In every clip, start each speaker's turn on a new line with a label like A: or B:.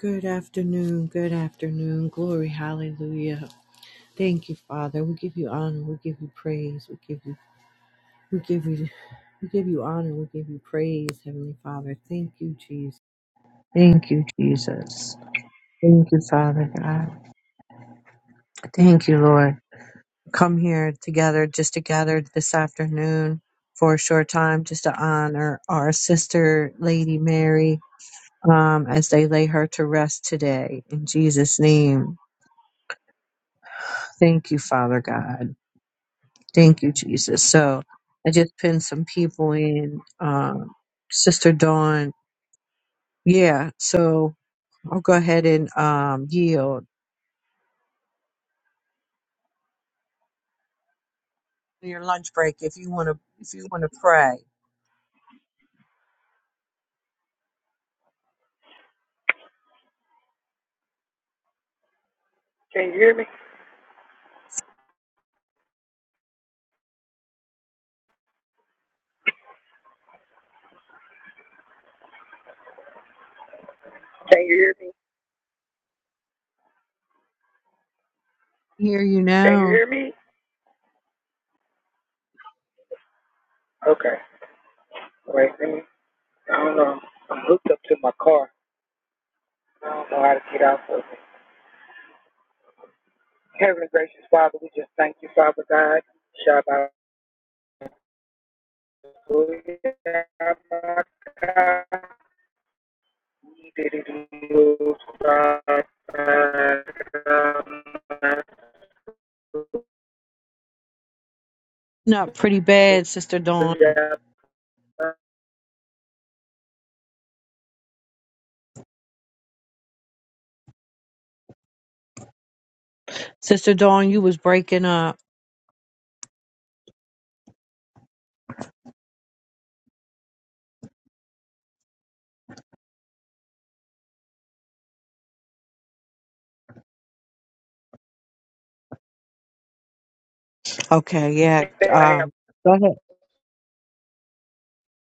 A: Good afternoon. Good afternoon. Glory. Hallelujah. Thank you, Father. We give you honor. We give you praise. We give you we give you we give you honor. We give you praise, Heavenly Father. Thank you, Jesus. Thank you, Jesus. Thank you, Father God. Thank you, Lord. Come here together, just together this afternoon for a short time, just to honor our sister, Lady Mary, um, as they lay her to rest today. In Jesus' name. Thank you, Father God. Thank you, Jesus. So I just pinned some people in. Um, Sister Dawn. Yeah. So I'll go ahead and um, yield your lunch break if you want to. If you want to pray,
B: Can you hear me? Can you hear me?
A: hear you
B: Can you
A: now.
B: hear me? Okay. Wait, let me. I don't know. I'm hooked up to my car. I don't know how to get out of it. Heavenly gracious Father, we just thank you, Father God. Shabbat.
A: Not pretty bad, Sister Dawn. Sister Dawn, you was breaking up. Okay. Yeah. Um. Go ahead.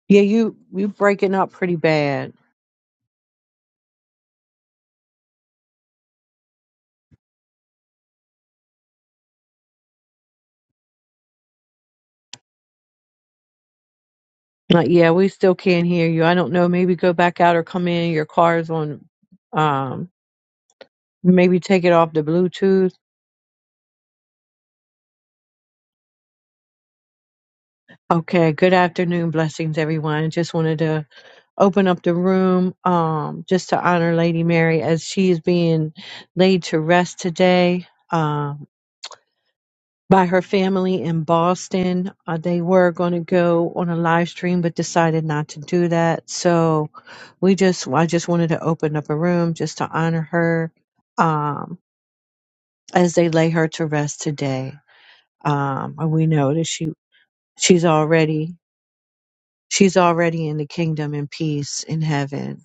A: Yeah. You you breaking up pretty bad. Like, yeah, we still can't hear you. I don't know. Maybe go back out or come in. Your car's on. Um. Maybe take it off the Bluetooth Okay, good afternoon. Blessings, everyone. Just wanted to open up the room um, just to honor Lady Mary as she is being laid to rest today um, by her family in Boston. Uh, they were going to go on a live stream but decided not to do that. So we just, I just wanted to open up a room just to honor her um, as they lay her to rest today. Um, and we know that she she's already She's already in the kingdom and peace in heaven.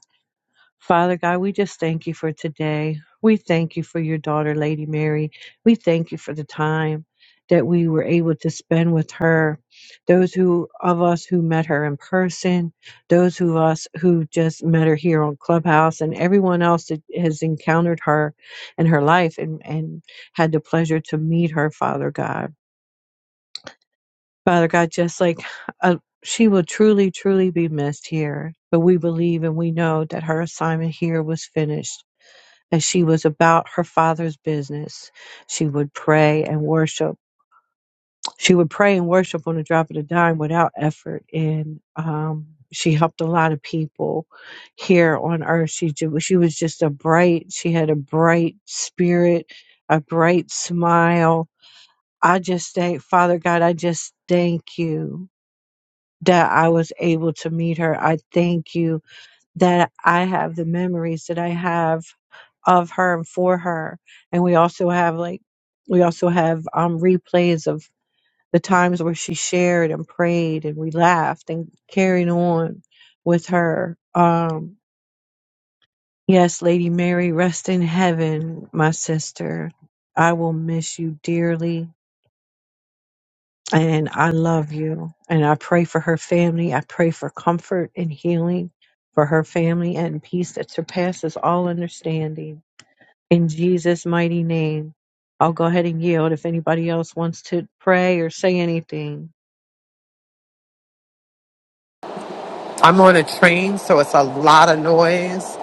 A: Father God, we just thank you for today. We thank you for your daughter, Lady Mary. We thank you for the time that we were able to spend with her. Those who of us who met her in person, those who us who just met her here on Clubhouse, and everyone else that has encountered her in her life and, and had the pleasure to meet her, Father God. Father God, just like uh, she will truly, truly be missed here, but we believe and we know that her assignment here was finished, that she was about her Father's business. She would pray and worship. She would pray and worship on the drop of the dime without effort. And um, she helped a lot of people here on earth. She, ju- she was just a bright, she had a bright spirit, a bright smile. I just thank Father God, I just thank you that I was able to meet her. I thank you that I have the memories that I have of her and for her. And we also have like we also have um replays of the times where she shared and prayed and we laughed and carried on with her. Um yes, Lady Mary, rest in heaven, my sister. I will miss you dearly And I love you. And I pray for her family. I pray for comfort and healing for her family and peace that surpasses all understanding. In Jesus' mighty name, I'll go ahead and yield if anybody else wants to pray or say anything.
C: I'm on a train, so it's a lot of noise.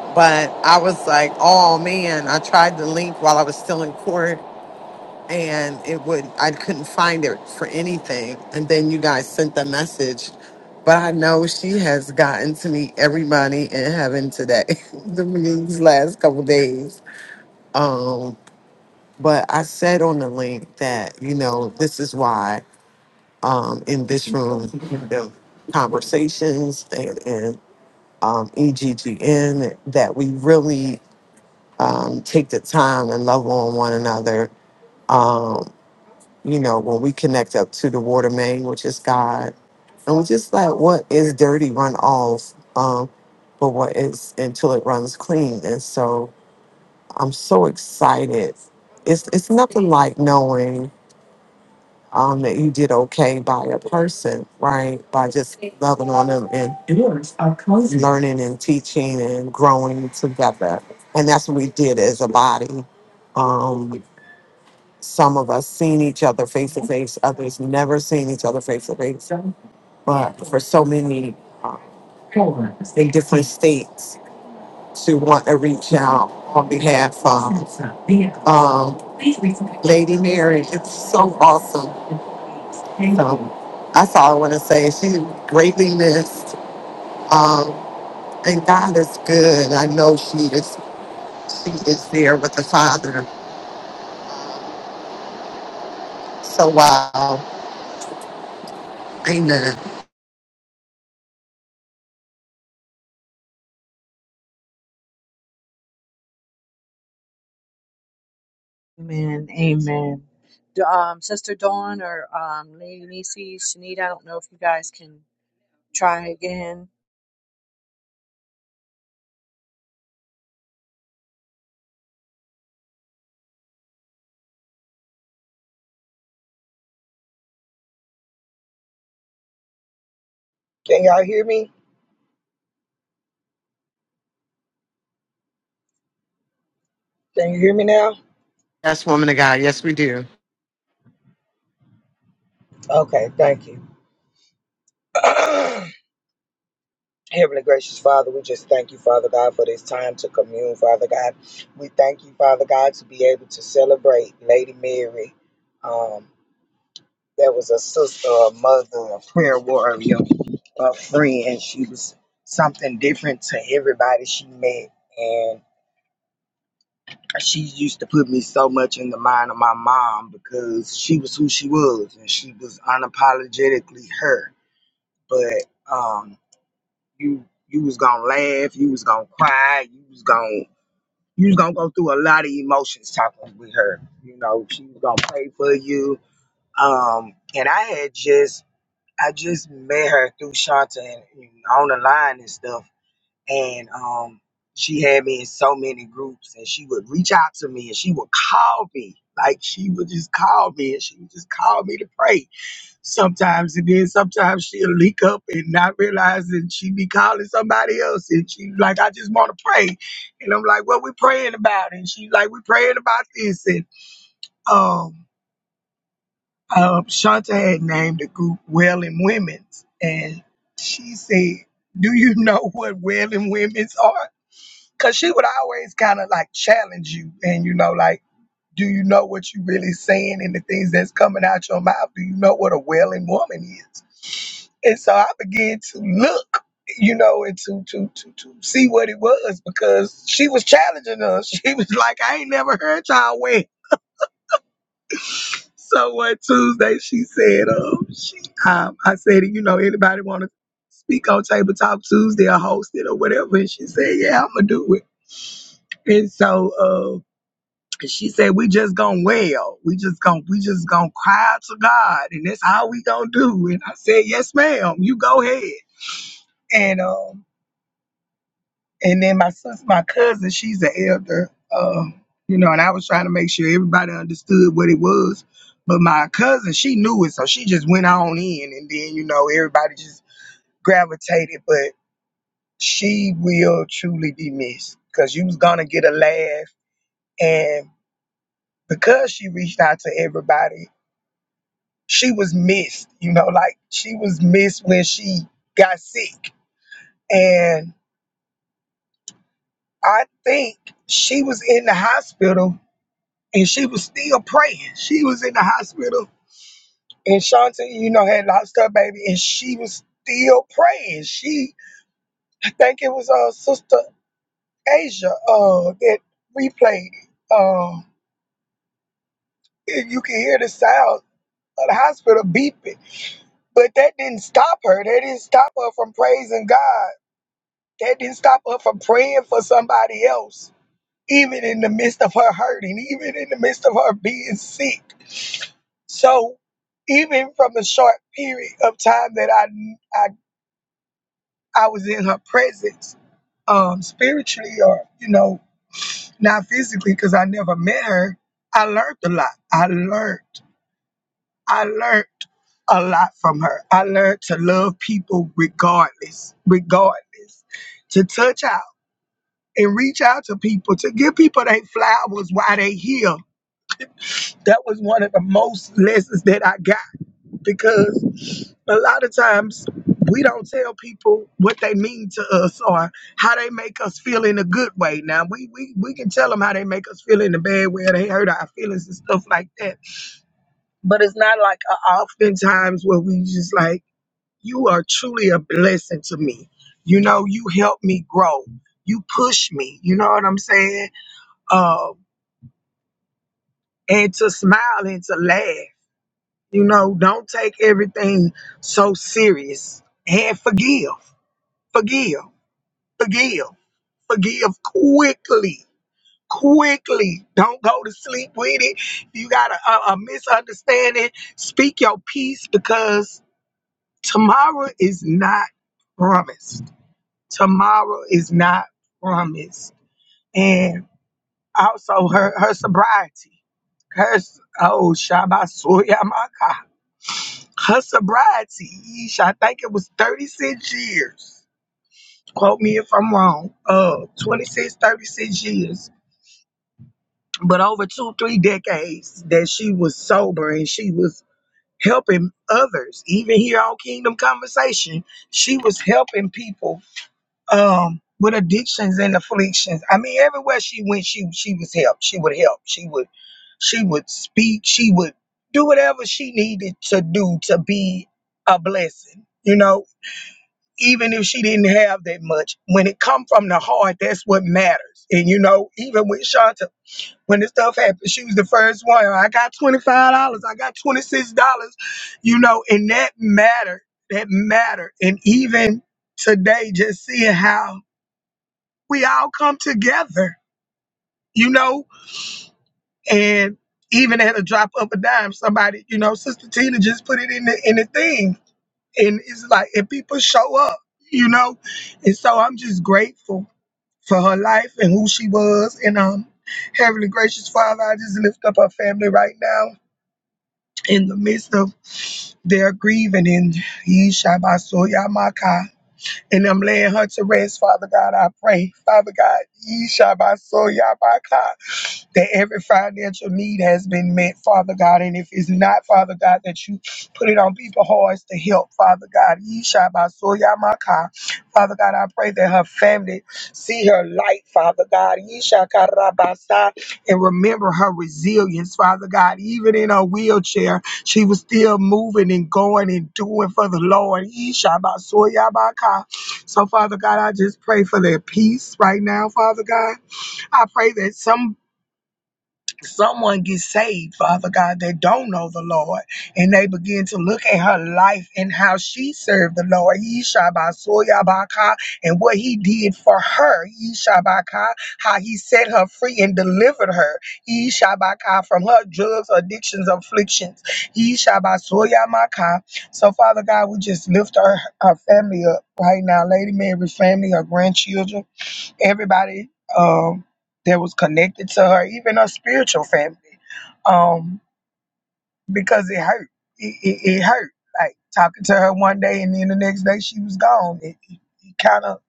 C: But I was like, oh man, I tried the link while I was still in court and it would, I couldn't find it for anything. And then you guys sent the message. But I know she has gotten to meet everybody in heaven today, the these last couple days. Um, but I said on the link that, you know, this is why um, in this room, the conversations and, and um, EGGN that we really um, take the time and love on one another. Um, you know, when we connect up to the water main, which is God, and we just let what is dirty run off, um, but what is until it runs clean. And so I'm so excited. It's it's nothing like knowing. um, that you did okay by a person, right? By just loving on them and learning and teaching and growing together. And that's what we did as a body. Um, some of us seen each other face to face, others never seen each other face to face. But for so many uh, in different states to want to reach out on behalf of um, Lady Mary. It's so awesome. So that's all I want to say. She's greatly missed. Um, and God is good. I know she is she is there with the Father. So wow. Amen.
A: Amen. Amen. D- Um, Sister Dawn or um, Lady Nisi, Shanita, I don't know if you guys can try again.
B: Can y'all hear me? Can you hear me now?
C: Yes, woman of God. Yes, we do.
B: Okay, thank you. Heavenly gracious Father, we just thank you, Father God, for this time to commune, Father God. We thank you, Father God, to be able to celebrate Lady Mary. Um, that was a sister, a mother, a prayer warrior, a friend. She was something different to everybody she met. And she used to put me so much in the mind of my mom because she was who she was and she was unapologetically her. But um, you you was gonna laugh, you was gonna cry, you was gonna you was gonna go through a lot of emotions talking with her. You know, she was gonna pray for you. Um, and I had just I just met her through Shanta and, and on the line and stuff, and um, she had me in so many groups, and she would reach out to me and she would call me. Like she would just call me and she would just call me to pray Sometimes it is. Sometimes she'll leak up and not realize that she be calling somebody else. And she like, I just want to pray. And I'm like, what we praying about? And she like, we praying about this. And um, um, Shanta had named the group Wailing Women's. And she said, do you know what Wailing Women's are? Because she would always kind of like challenge you. And, you know, like, do you know what you're really saying and the things that's coming out your mouth? Do you know what a wailing woman is? And so I began to look, you know, and to to to, to see what it was because she was challenging us. She was like, I ain't never heard y'all wail. So one Tuesday she said, um, she, um, I said, you know, anybody want to speak on Tabletop Tuesday or host it or whatever? And she said, yeah, I'm going to do it. And so uh. And she said, we just gonna wail. We just gonna we just gonna cry out to God, and that's all we gonna do. And I said, yes, ma'am. You go ahead. And um, and then my sis, my cousin, she's an elder. Uh, you know, and I was trying to make sure everybody understood what it was. But my cousin, she knew it, so she just went on in, and then you know everybody just gravitated. But she will truly be missed because you was gonna get a laugh, and because she reached out to everybody. she was missed, you know, like she was missed when she got sick. And I think she was in the hospital and she was still praying. She was in the hospital and Shanta, you know, had lost her baby and she was still praying. She, I think it was uh, Sister Asia uh, that replayed it. Um, you can hear the sound of the hospital beeping. But that didn't stop her. That didn't stop her from praising God That didn't stop her from praying for somebody else, even in the midst of her hurting, even in the midst of her being sick. So, even from the short period of time that I I, I was in her presence, um, spiritually or you know, not physically, because I never met her, I learned a lot. I learned, I learned a lot from her. I learned to love people regardless, regardless, to touch out. and reach out to people to give people their flowers while they here. That was one of the most lessons that I got because a lot of times we don't tell people what they mean to us or how they make us feel in a good way. Now we we, we can tell them how they make us feel in a bad way, they hurt our feelings and stuff like that. But it's not like uh, oftentimes where we just like you are truly a blessing to me. You know, you help me grow. You push me. You know what I'm saying? Uh, and to smile and to laugh. You know, don't take everything so serious and forgive, forgive, forgive, forgive quickly, quickly. Don't go to sleep with it. You got a, a, a misunderstanding. Speak your peace because tomorrow is not promised. Tomorrow is not promised. And also her, her sobriety. Her, s- oh, Shabbat Suyamaka. Her sobriety, yeesh, I think it was 36 years. Quote me if I'm wrong. Uh, 26, 36 years. But over two, three decades that she was sober and she was helping others. Even here on Kingdom Conversation, she was helping people um, with addictions and afflictions. I mean, everywhere she went, she she was helped. She would help. She would she would speak. She would do whatever she needed to do to be a blessing. You know, even if she didn't have that much, when it come from the heart, that's what matters. And you know, even with Shanta, when this stuff happened, she was the first one. I got twenty five dollars. I got twenty six dollars. You know, and that mattered. That mattered. And even today, just seeing how we all come together. You know, and even at a drop of a dime, somebody, you know, Sister Tina just put it in the in the thing, and it's like, and people show up. You know, and so I'm just grateful for her life and who she was. And um, Heavenly Gracious Father, I just lift up her family right now in the midst of their grieving and Yishabasoyamaka. And I'm laying her to rest, Father God, I pray. Father God, Yishabasoyamaka that every financial need has been met, Father God. And if it's not, Father God, that you put it on people's hearts to help, Father God. Yishabasoyamaka. Father God, I pray that her family see her light, Father God. Yishakarabasa. And remember her resilience, Father God. Even in her wheelchair, she was still moving and going and doing for the Lord. Yishabasoyamaka. So, Father God, I just pray for their peace right now, Father God. I pray that some someone gets saved, Father God, that don't know the Lord, and they begin to look at her life and how she served the Lord, Yeshabasuyabaka, and what he did for her, Yeshabaka, how he set her free and delivered her, Yeshabaka, from her drugs, addictions, afflictions, Yeshabasuyamaka. So, Father God, we just lift our, our family up right now, Lady Mary's family, her grandchildren everybody um, that was connected to her, even her spiritual family, um, because it hurt. It, it, it hurt. Like talking to her one day and then the next day she was gone. It, it, it kind of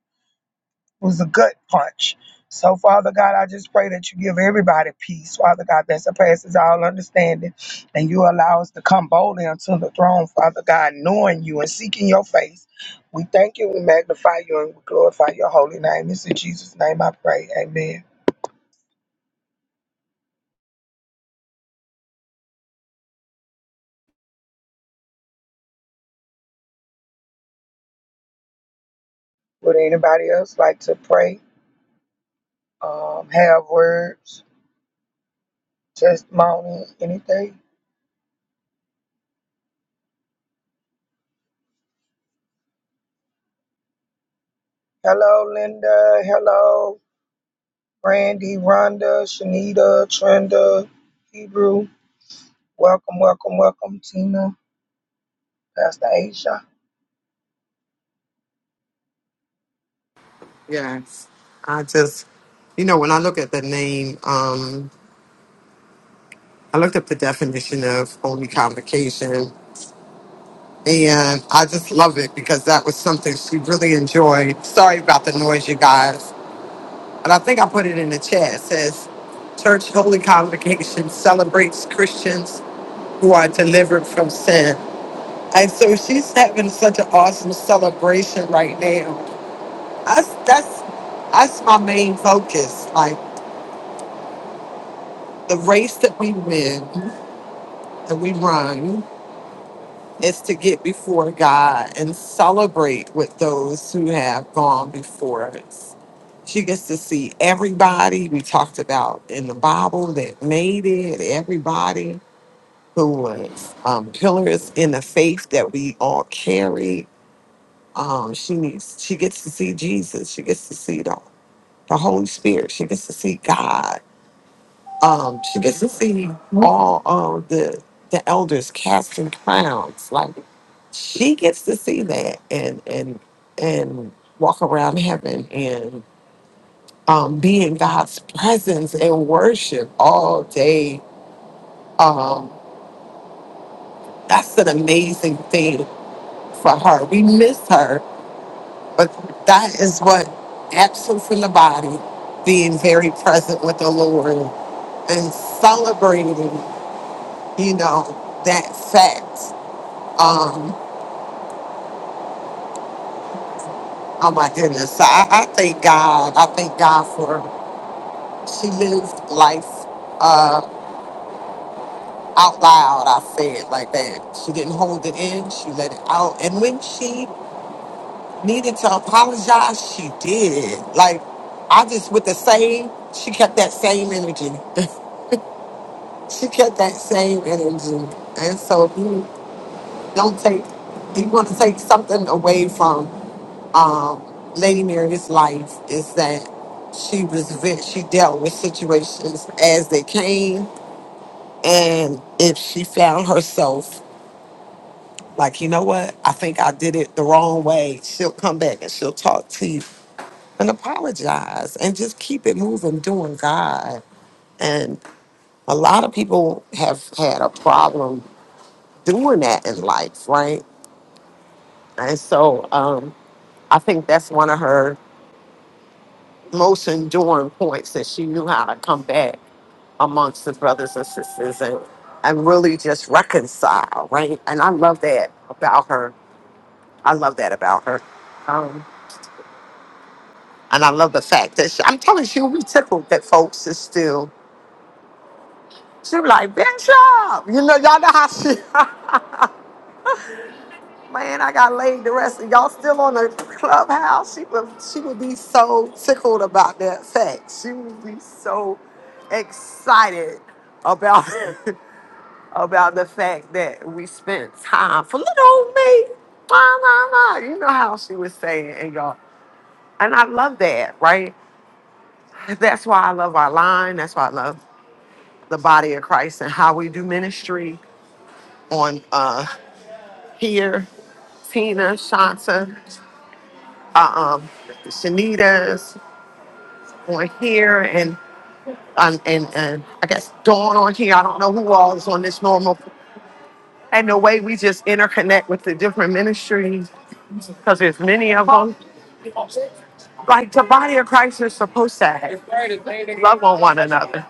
B: was a gut punch. So, Father God, I just pray that you give everybody peace, Father God, that surpasses all understanding. And you allow us to come boldly unto the throne, Father God, knowing you and seeking your face. We thank you, we magnify you, and we glorify your holy name. It's in Jesus' name I pray. Amen. Would anybody else like to pray? Um, have words, testimony, anything? Hello, Linda. Hello, Brandy, Rhonda, Shanita, Trenda, Hebrew. Welcome, welcome, welcome, Tina, Pastor Aisha.
C: Yes. I just you know, when I look at the name, um, I looked up the definition of holy convocation and I just love it because that was something she really enjoyed. Sorry about the noise, you guys. And I think I put it in the chat. It says, Church Holy Convocation celebrates Christians who are delivered from sin. And so she's having such an awesome celebration right now. That's, that's, that's my main focus. Like the race that we win and we run is to get before God and celebrate with those who have gone before us. She gets to see everybody we talked about in the Bible that made it, everybody who was um, pillars in the faith that we all carry. Um, she needs. She gets to see Jesus. She gets to see the, the Holy Spirit. She gets to see God um, she gets to see all of the the elders casting crowns. Like she gets to see that and and and walk around heaven and um, be in God's presence and worship all day. Um, that's an amazing thing for her. We miss her, but that is what absence in the body, being very present with the Lord and celebrating, you know, that fact Um, oh my goodness. So I, I thank God. I thank God for she lived life uh out loud, I say it like that. She didn't hold it in, she let it out. And when she needed to apologize, she did. Like I just with the same, she kept that same energy. She kept that same energy. And so if you don't take if you want to take something away from um, Lady Mary's life is that she was ve- she dealt with situations as they came, and if she found herself like you know what I think I did it the wrong way, she'll come back and she'll talk to you and apologize and just keep it moving, doing God. And a lot of people have had a problem doing that in life, right? And so um, I think that's one of her most enduring points that she knew how to come back amongst the brothers and sisters and and really just reconcile, right? And I love that about her. I love that about her. Um, and I love the fact that she, I'm telling you, she'll be tickled that folks is still. She'll be like, Bishop, you know, y'all know how she. Man, I got laid the rest of y'all still on the clubhouse. She would she would be so tickled about that fact. She would be so excited about about the fact that we spent time for little old me. Blah, blah, blah. You know how she was saying and y'all. And I love that, right? That's why I love our line. That's why I love the body of Christ and how we do ministry on uh here Tina, Shanta. uh, um, Shanita's on here, and um, and and I guess Dawn on here. I don't know who all is on this normal. And the way we just interconnect with the different ministries, because there's many of them. Like the body of Christ is supposed to have love on one another.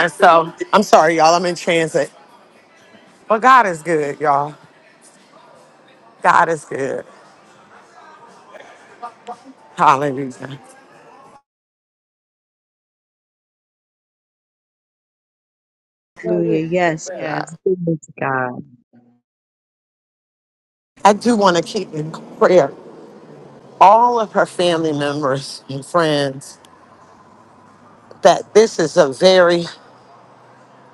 C: And so I'm sorry, y'all. I'm in transit, but God is good, y'all. God is good. Hallelujah.
A: Hallelujah. Yes, yes.
C: God.
A: Glory to God.
C: I do want to keep in prayer all of her family members and friends that this is a very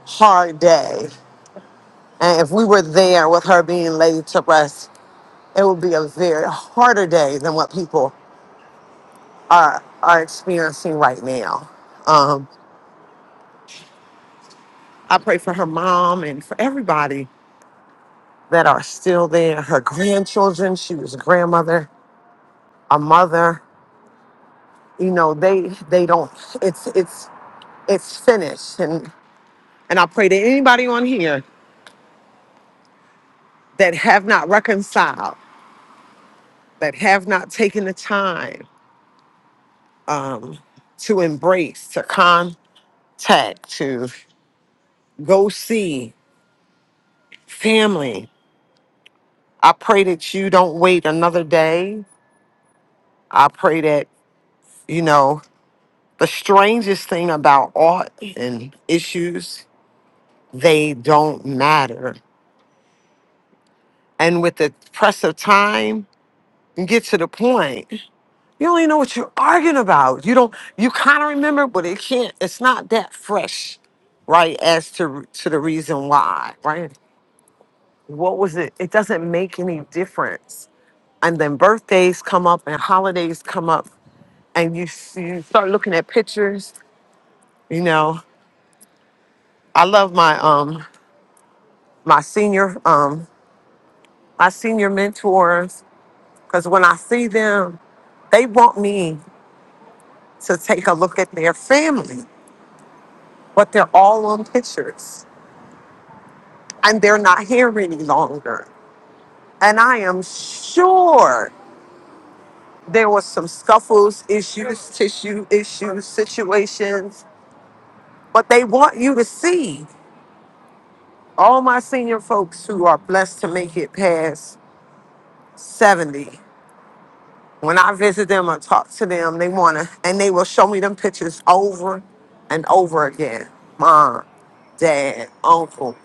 C: hard day. And if we were there with her being laid to rest, it would be a very harder day than what people are are experiencing right now. Um, I pray for her mom and for everybody that are still there. Her grandchildren, she was a grandmother, a mother. You know, they they don't. It's it's it's finished. And and I pray to anybody on here that have not reconciled, that have not taken the time um, to embrace, to contact, to go see family. I pray that you don't wait another day. I pray that, you know, the strangest thing about art and issues, they don't matter. And with the press of time, you get to the point. You don't even know what you're arguing about. You don't you kind of remember, but it can't, it's not that fresh, right? As to to the reason why, right? what was it? It doesn't make any difference. And then birthdays come up and holidays come up, and you see, you start looking at pictures. You know, I love my um my senior um my senior mentors because when I see them, they want me to take a look at their family, but they're all on pictures and they're not here any longer. And I am sure there was some scuffles, issues, tissue issues, situations But they want you to see all my senior folks who are blessed to make it past 70. When I visit them and talk to them, they want to, and they will show me them pictures over and over again. Mom, dad, uncle,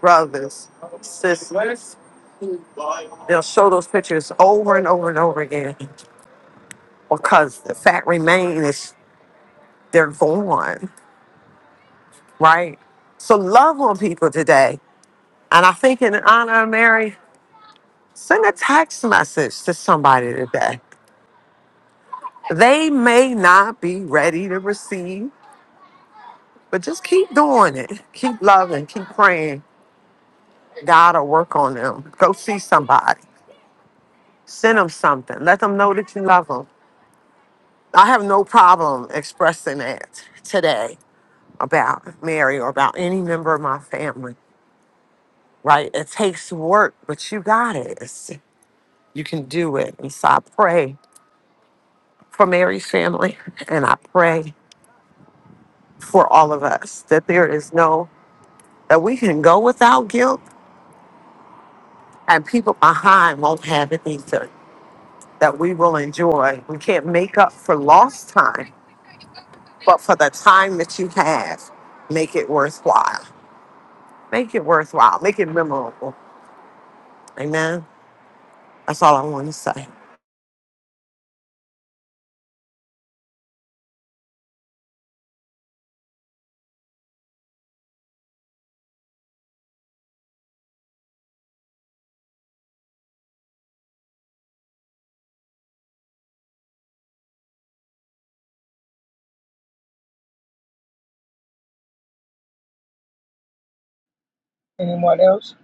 C: brothers, sisters. They'll show those pictures over and over and over again because the fact remains is they're gone, right? So love on people today. And I think in honor of Mary, Send a text message to somebody today. They may not be ready to receive, but just keep doing it. Keep loving, keep praying. God will work on them. Go see somebody. Send them something. Let them know that you love them. I have no problem expressing that today about Mary or about any member of my family, right? It takes work, but you got it. It's- you can do it. And so I pray for Mary's family and I pray for all of us that there is no that we can go without guilt and people behind won't have it either that we will enjoy we can't make up for lost time but for the time that you have make it worthwhile make it worthwhile make it memorable amen that's all i want to say
B: Anyone else?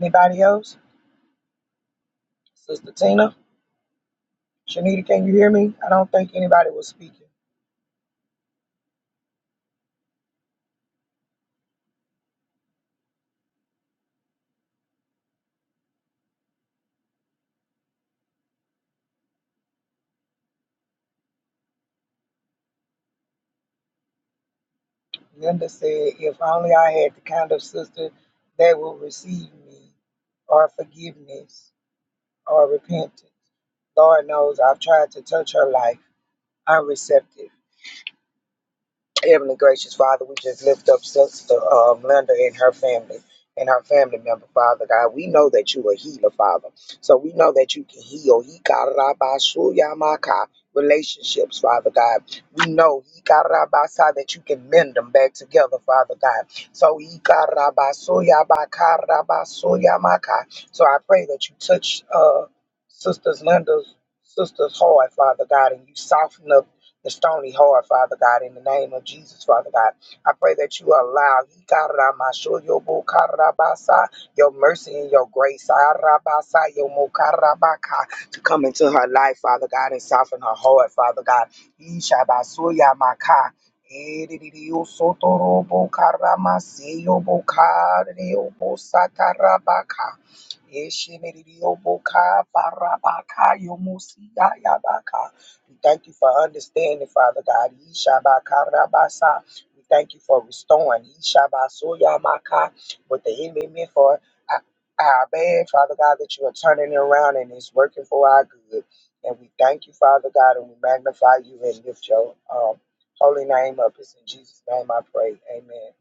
B: Anybody else? Sister Tina, Shanita, can you hear me? I don't think anybody was speaking. Linda said, If only I had the kind of sister that will receive me, or forgiveness, or repentance. Lord knows I've tried to touch her life. I'm receptive. Heavenly gracious Father, we just lift up Sister uh, Linda and her family and her family member, Father God. We know that you are a healer, Father. So we know that you can heal. He got rabashuyamaka relationships, Father God. We know he got rabasa that you can mend them back together, Father God. So he got rabasuyabaka rabasuyamaka. So I pray that you touch uh sisters Linda's sister's heart, Father God, and you soften up the stony heart, Father God, in the name of Jesus, Father God. I pray that you allow Hikaramashoyobo your mercy and your grace Arabasa, yomokarabaka, to come into her life, Father God, and soften her heart, Father God. Ishabasuyamaka, edidiyosotorobo karamaseyobo kareyobo satarabaka. barabaka yomusiga yabaka. We thank you for understanding, Father God. Yeshabakarabasa. We thank you for restoring. Yeshabasoyamaka. What the enemy meant for our our bad, Father God, that you are turning it around and it's working for our good. And we thank you, Father God, and we magnify you and lift your um, holy name up. It's in Jesus' name I pray. Amen.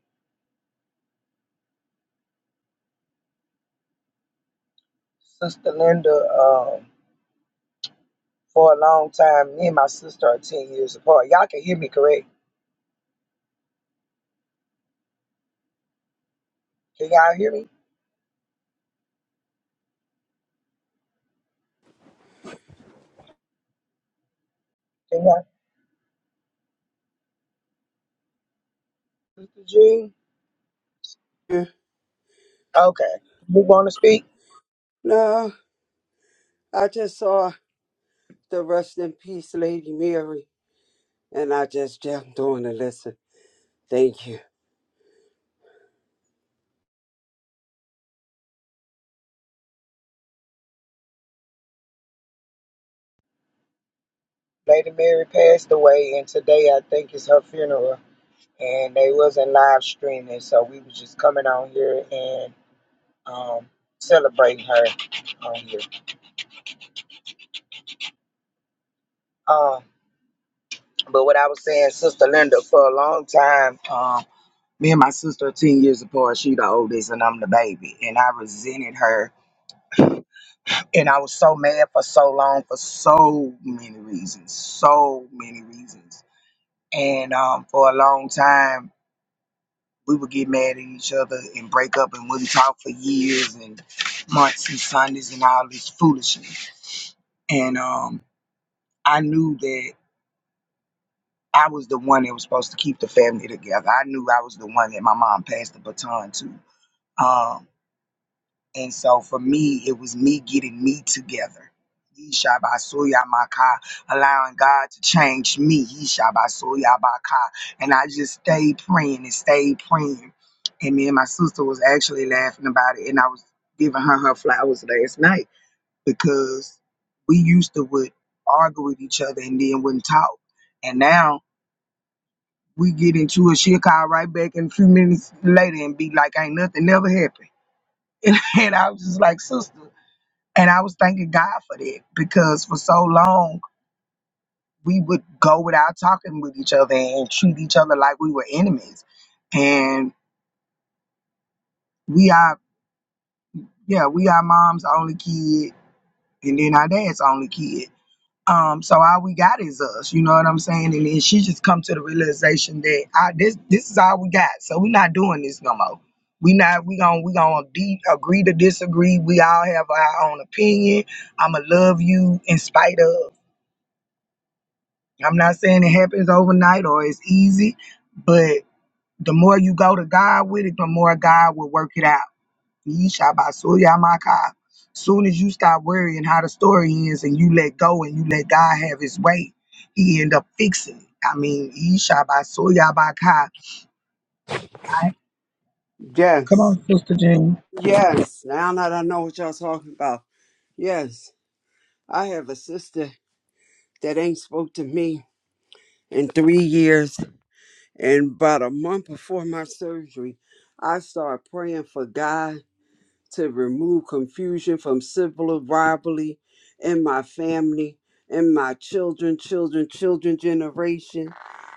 B: Sister Linda, um, for a long time, me and my sister are 10 years apart. Y'all can hear me, correct? Can y'all hear me? Can y'all? Sister Jean? Okay. Who want to speak?
D: No, I just saw the rest in peace, Lady Mary, and I just jumped on and listened. Thank you.
B: Lady Mary passed away, and today I think is her funeral. And they wasn't live streaming, so we was just coming on here and um, celebrating her on here. Um, but what I was saying, Sister Linda, for a long time, um, me and my sister are ten years apart. She the oldest, and I'm the baby. And I resented her, and I was so mad for so long for so many reasons, so many reasons. And um, for a long time. we would get mad at each other and break up and wouldn't talk for years and months and Sundays and all this foolishness. And um, I knew that I was the one that was supposed to keep the family together. I knew I was the one that my mom passed the baton to. Um, And so for me, it was me getting me together. Yeshabasuyamaka, Allowing God to change me. Yeshabasuyabaka. And I just stayed praying and stayed praying. And me and my sister was actually laughing about it. And I was giving her her flowers last night because we used to would argue with each other and then wouldn't talk. And now we get into it. She'll call right back in a few minutes later and be like, ain't nothing never happened. And I was just like, sister. And I was thanking God for that because for so long we would go without talking with each other and treat each other like we were enemies. And we are, yeah, we are mom's only kid and then our dad's only kid. Um, so all we got is us, you know what I'm saying? And then she just come to the realization that I, this this is all we got. So we not doing this no more. We not we gonna we gonna de- agree to disagree. We all have our own opinion. I'ma love you in spite of. I'm not saying it happens overnight or it's easy, but the more you go to God with it, the more God will work it out. Yishabasuyamaka. Soon as you stop worrying how the story ends and you let go and you let God have his way, he end up fixing it. I mean, Yishabasuyabaka. All right. Come
D: Yes,
B: on, Sister Jean.
D: yes. Now that I know what y'all talking about, yes, I have a sister that ain't spoke to me in three years, and about a month before my surgery, I started praying for God to remove confusion from civil rivalry in my family, in my children, children, children generation,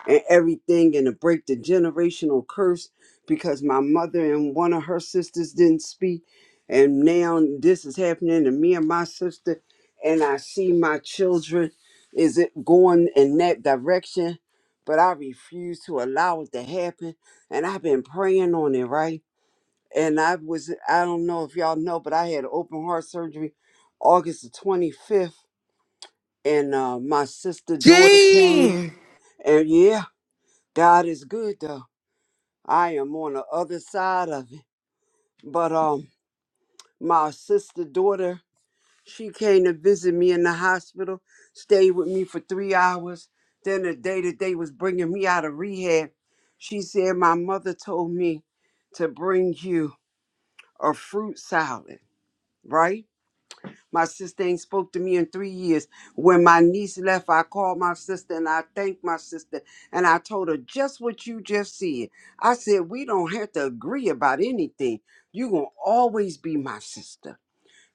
D: and everything, and to break the generational curse because my mother and one of her sisters didn't speak. And now this is happening to me and my sister, and I see my children. Is it going in that direction? But I refuse to allow it to happen. And I've been praying on it, right? and I was I don't know if y'all know, but I had open heart surgery August the 25th, and uh, my sister daughter came,
C: Gene,
D: and yeah, God is good though. I am on the other side of it, but um, my sister daughter she came to visit me in the hospital, stayed with me for three hours. Then the day that they was bringing me out of rehab, she said my mother told me to bring you a fruit salad, right? My sister ain't spoke to me in three years. When my niece left, I called my sister and I thanked my sister and I told her just what you just said. I said, We don't have to agree about anything. You're going to always be my sister,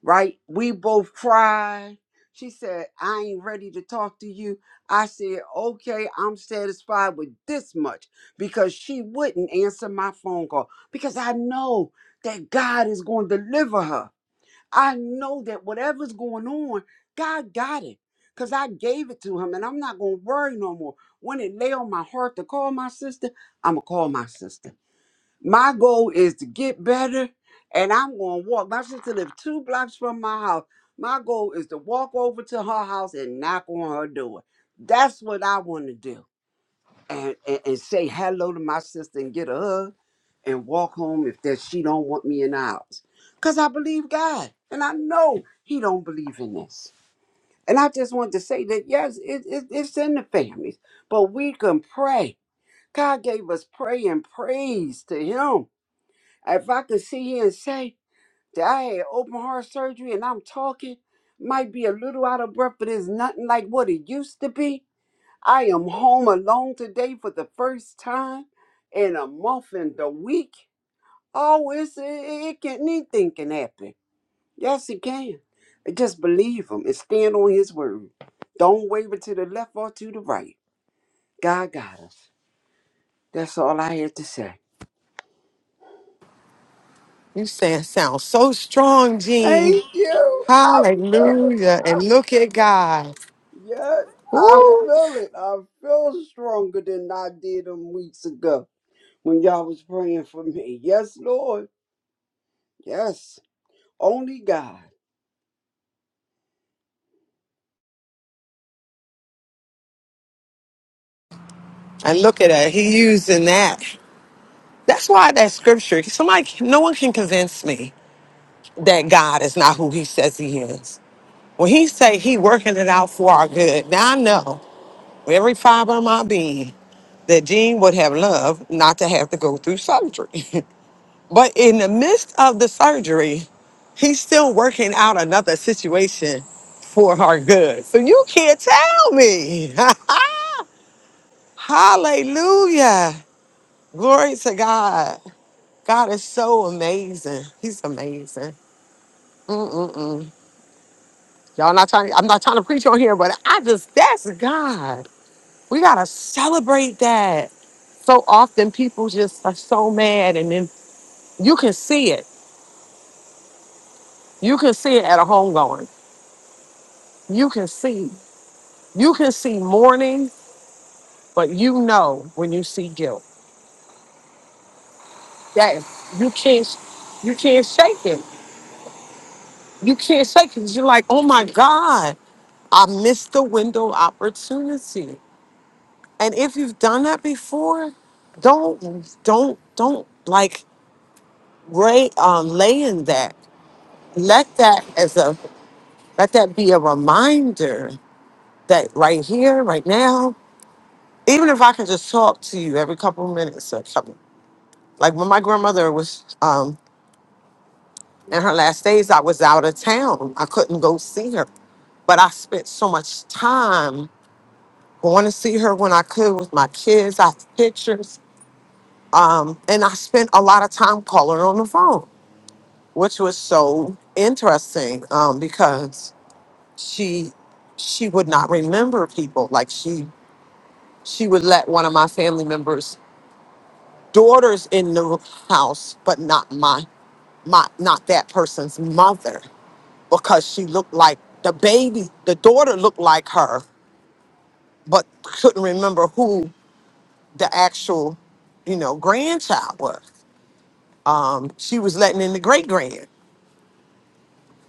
D: right? We both cried. She said, I ain't ready to talk to you. I said, Okay, I'm satisfied with this much because she wouldn't answer my phone call because I know that God is going to deliver her. I know that whatever's going on, God got it. Because I gave it to him and I'm not going to worry no more. When it lay on my heart to call my sister, I'm going to call my sister. My goal is to get better and I'm going to walk. My sister lives two blocks from my house. My goal is to walk over to her house and knock on her door. That's what I want to do and, and, and say hello to my sister and get a hug and walk home if that she don't want me in the house. Cause I believe God and I know he don't believe in this. And I just want to say that yes, it, it, it's in the families, but we can pray. God gave us pray and praise to him. If I could sit here and say that I had open heart surgery and I'm talking, might be a little out of breath, but it's nothing like what it used to be. I am home alone today for the first time in a month and a week. Oh, it's, it, it can anything can happen. Yes, it can. I just believe him and stand on his word. Don't waver to the left or to the right. God got us. That's all I have to say.
C: you saying sound so strong, Gene.
D: Thank you. I feel it.
C: Hallelujah. And look at God.
D: Yes, I
C: Woo.
D: feel it. I feel stronger than I did them weeks ago when y'all was praying for me. Yes, Lord. Yes. Only God.
C: And look at that. He using that. That's why that scripture, somebody, no one can convince me that God is not who he says he is. When he say he working it out for our good, now I know with every fiber of my being that Gene would have loved not to have to go through surgery. but in the midst of the surgery, he's still working out another situation for our good. So you can't tell me. Hallelujah. Glory to God. God is so amazing. He's amazing. Mm-mm-mm. Y'all not trying. I'm not trying to preach on here, but I just that's God. We gotta celebrate that. So often people just are so mad, and then you can see it. You can see it at a homegoing. You can see. You can see mourning, but you know when you see guilt. That is, you can't. You can't shake it. You can't shake it. You're like, oh my God, I missed the window opportunity. And if you've done that before, don't don't don't like lay um lay in that. Let that as a let that be a reminder that right here, right now, even if I can just talk to you every couple of minutes or something. Like when my grandmother was um in her last days, I was out of town. I couldn't go see her. But I spent so much time going to see her when I could with my kids. I have pictures. Um, and I spent a lot of time calling her on the phone which was so interesting um, because she she would not remember people like she she would let one of my family members daughters in the house but not my my not that person's mother because she looked like the baby the daughter looked like her but couldn't remember who the actual you know grandchild was um she was letting in the great grand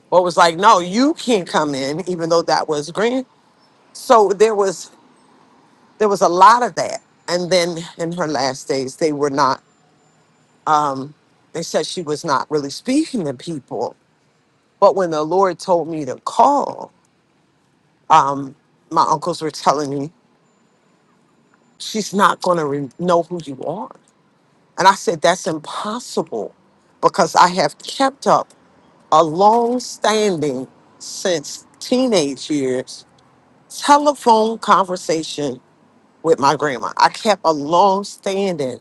C: but was like no you can't come in even though that was so there was there was a lot of that and then in her last days they were not um they said she was not really speaking to people but when the lord told me to call um my uncles were telling me she's not going to re- know who you are and i said that's impossible because i have kept up a long-standing since teenage years telephone conversation with my grandma. I kept a long-standing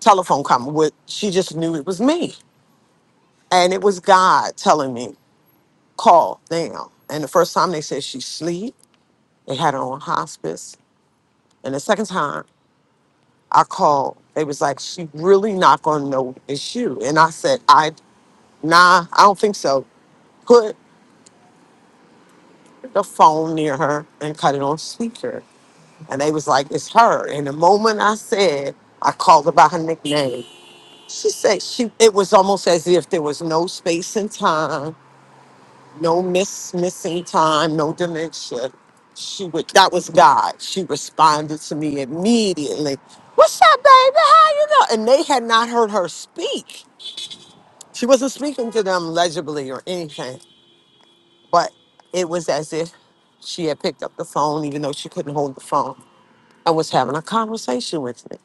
C: telephone conversation. With she just knew it was me, and it was God telling me call now. And the first time they said she sleep, they had her on hospice. And the second time I called, they was like, she really not gonna know it's you. And I said, I nah, I don't think so. Put the phone near her and cut it on speaker. And they was like, it's her. And the moment I said, I called her by her nickname. She said she. It was almost as if there was no space and time no miss missing time, no dementia. She would that was God. She responded to me immediately. What's up, baby? How you know? And they had not heard her speak. She wasn't speaking to them legibly or anything, but it was as if she had picked up the phone, even though she couldn't hold the phone, and was having a conversation with me.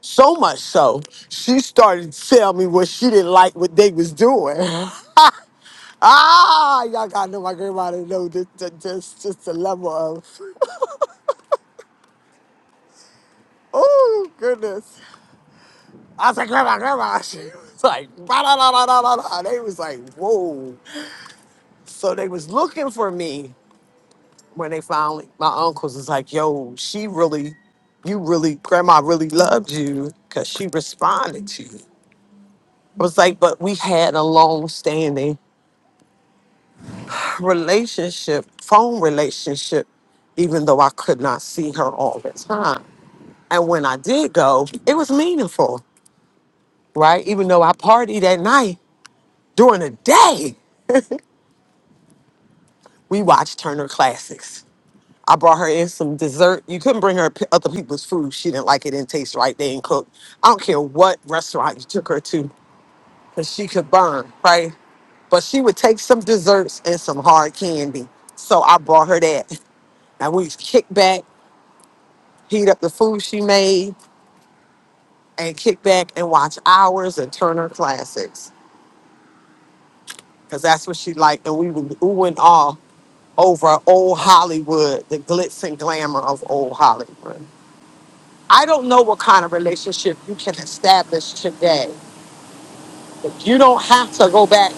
C: So much so, she started to tell me what she didn't like what they was doing. Ah, y'all gotta know my grandma to know just, just, just, just the level of, oh, goodness. I was like, grandma, grandma. She was like, "Bah, da, da, da, da, da, da." They was like, whoa. So they was looking for me when they finally, my uncles was like, yo, she really, you really, grandma really loved you because she responded to you. I was like, but we had a long standing relationship, phone relationship, even though I could not see her all the time. And when I did go, it was meaningful, right? Even though I partied that night, during the day, we watched Turner Classics. I brought her in some dessert. You couldn't bring her p- other people's food. She didn't like it, didn't taste right, they didn't cook. I don't care what restaurant you took her to, because she could burn, right? But she would take some desserts and some hard candy. So I brought her that. And we kick back, heat up the food she made, and kick back and watch hours of Turner Classics. because that's what she liked. And we were ooh and all over old Hollywood, the glitz and glamour of old Hollywood. I don't know what kind of relationship you can establish today, but you don't have to go back,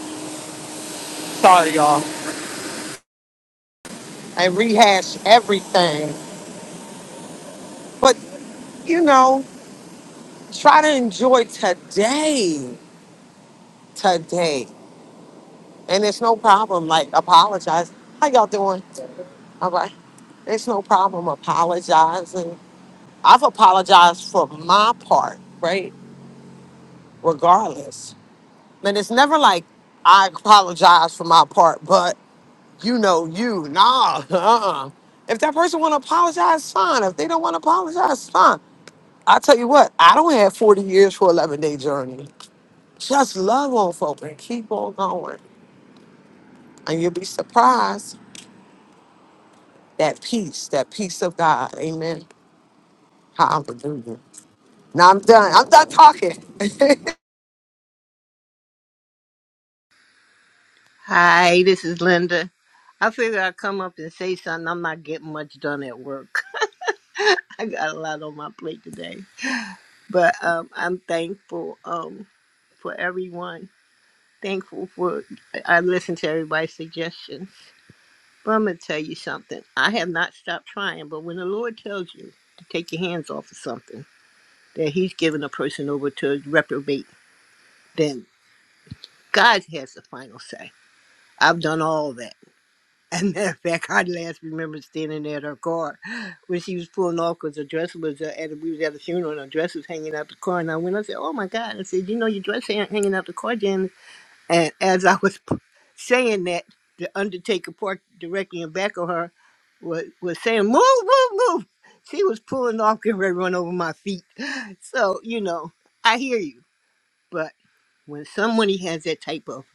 C: sorry y'all, and rehash everything. But, you know, try to enjoy today, today. And it's no problem, like, apologize. How y'all doing? All right. It's no problem apologizing. I've apologized for my part, right? regardless. And it's never like I apologize for my part, but you know you. Nah, uh-uh. If that person wanna apologize, fine. If they don't wanna apologize, fine. I tell you what, I don't have 40 years for 11 day journey. Just love on folk and keep on going. And you'll be surprised that peace, that peace of God. Amen. Hallelujah. Now I'm done. I'm done talking.
E: Hi, this is Linda. I figure I'd come up and say something. I'm not getting much done at work. I got a lot on my plate today. But um, I'm thankful um, for everyone. Thankful for, I listen to everybody's suggestions. But I'm going to tell you something. I have not stopped trying, but when the Lord tells you to take your hands off of something, that He's giving a person over to a reprobate, then God has the final say. I've done all that. As a matter of fact, I last remember standing there at her car when she was pulling off because her dress was uh, at we was at a funeral and her dress was hanging out the car. And I went, I said, "Oh my God!" I said, "You know your dress hang- hanging out the car, Janice." And as I was p- saying that, the undertaker parked directly in back of her was was saying, "Move, move, move!" She was pulling off, getting ready to run over my feet. So you know, I hear you, but when somebody has that type of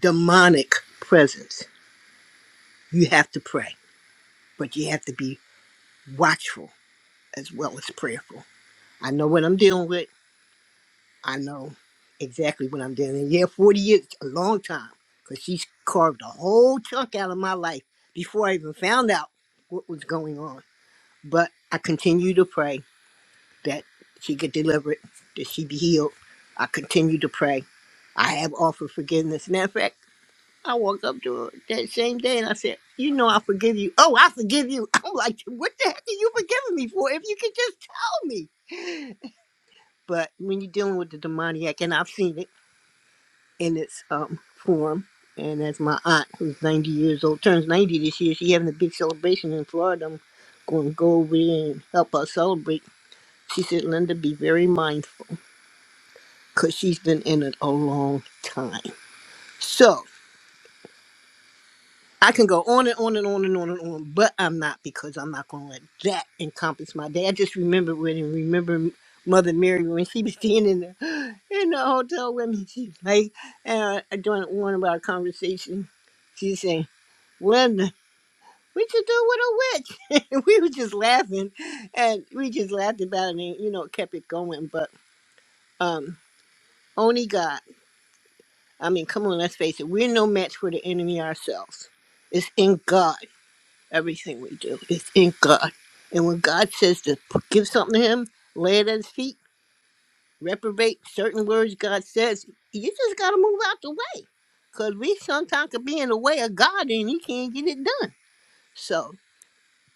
E: demonic presence, you have to pray, but you have to be watchful as well as prayerful. I know what I'm dealing with. I know exactly what I'm dealing with. Yeah, 40 years, a long time, because she's carved a whole chunk out of my life before I even found out what was going on. But I continue to pray that she get delivered, that she be healed. I continue to pray. I have offered forgiveness. Matter of fact, I woke up to it that same day and I said, You know, I forgive you. Oh, I forgive you. I'm like, What the heck are you forgiving me for if you could just tell me? But when you're dealing with the demoniac, and I've seen it in its um, form, and as my aunt, who's 90 years old, turns 90 this year, she having a big celebration in Florida. I'm going to go over there and help her celebrate. She said, Linda, be very mindful because she's been in it a long time. So, I can go on and on and on and on and on, but I'm not because I'm not going to let that encompass my day. I just remember when and remember Mother Mary when she was standing in the, in the hotel with me. She's like, and I doing one of our conversation. She's saying, "Linda, what you do with a witch?" we were just laughing, and we just laughed about it, and you know, kept it going. But um, only God. I mean, come on, let's face it. We're no match for the enemy ourselves. It's in God. Everything we do is in God. And when God says to p- give something to Him, lay it at His feet, reprobate certain words God says, you just got to move out the way. Because we sometimes could be in the way of God and He can't get it done. So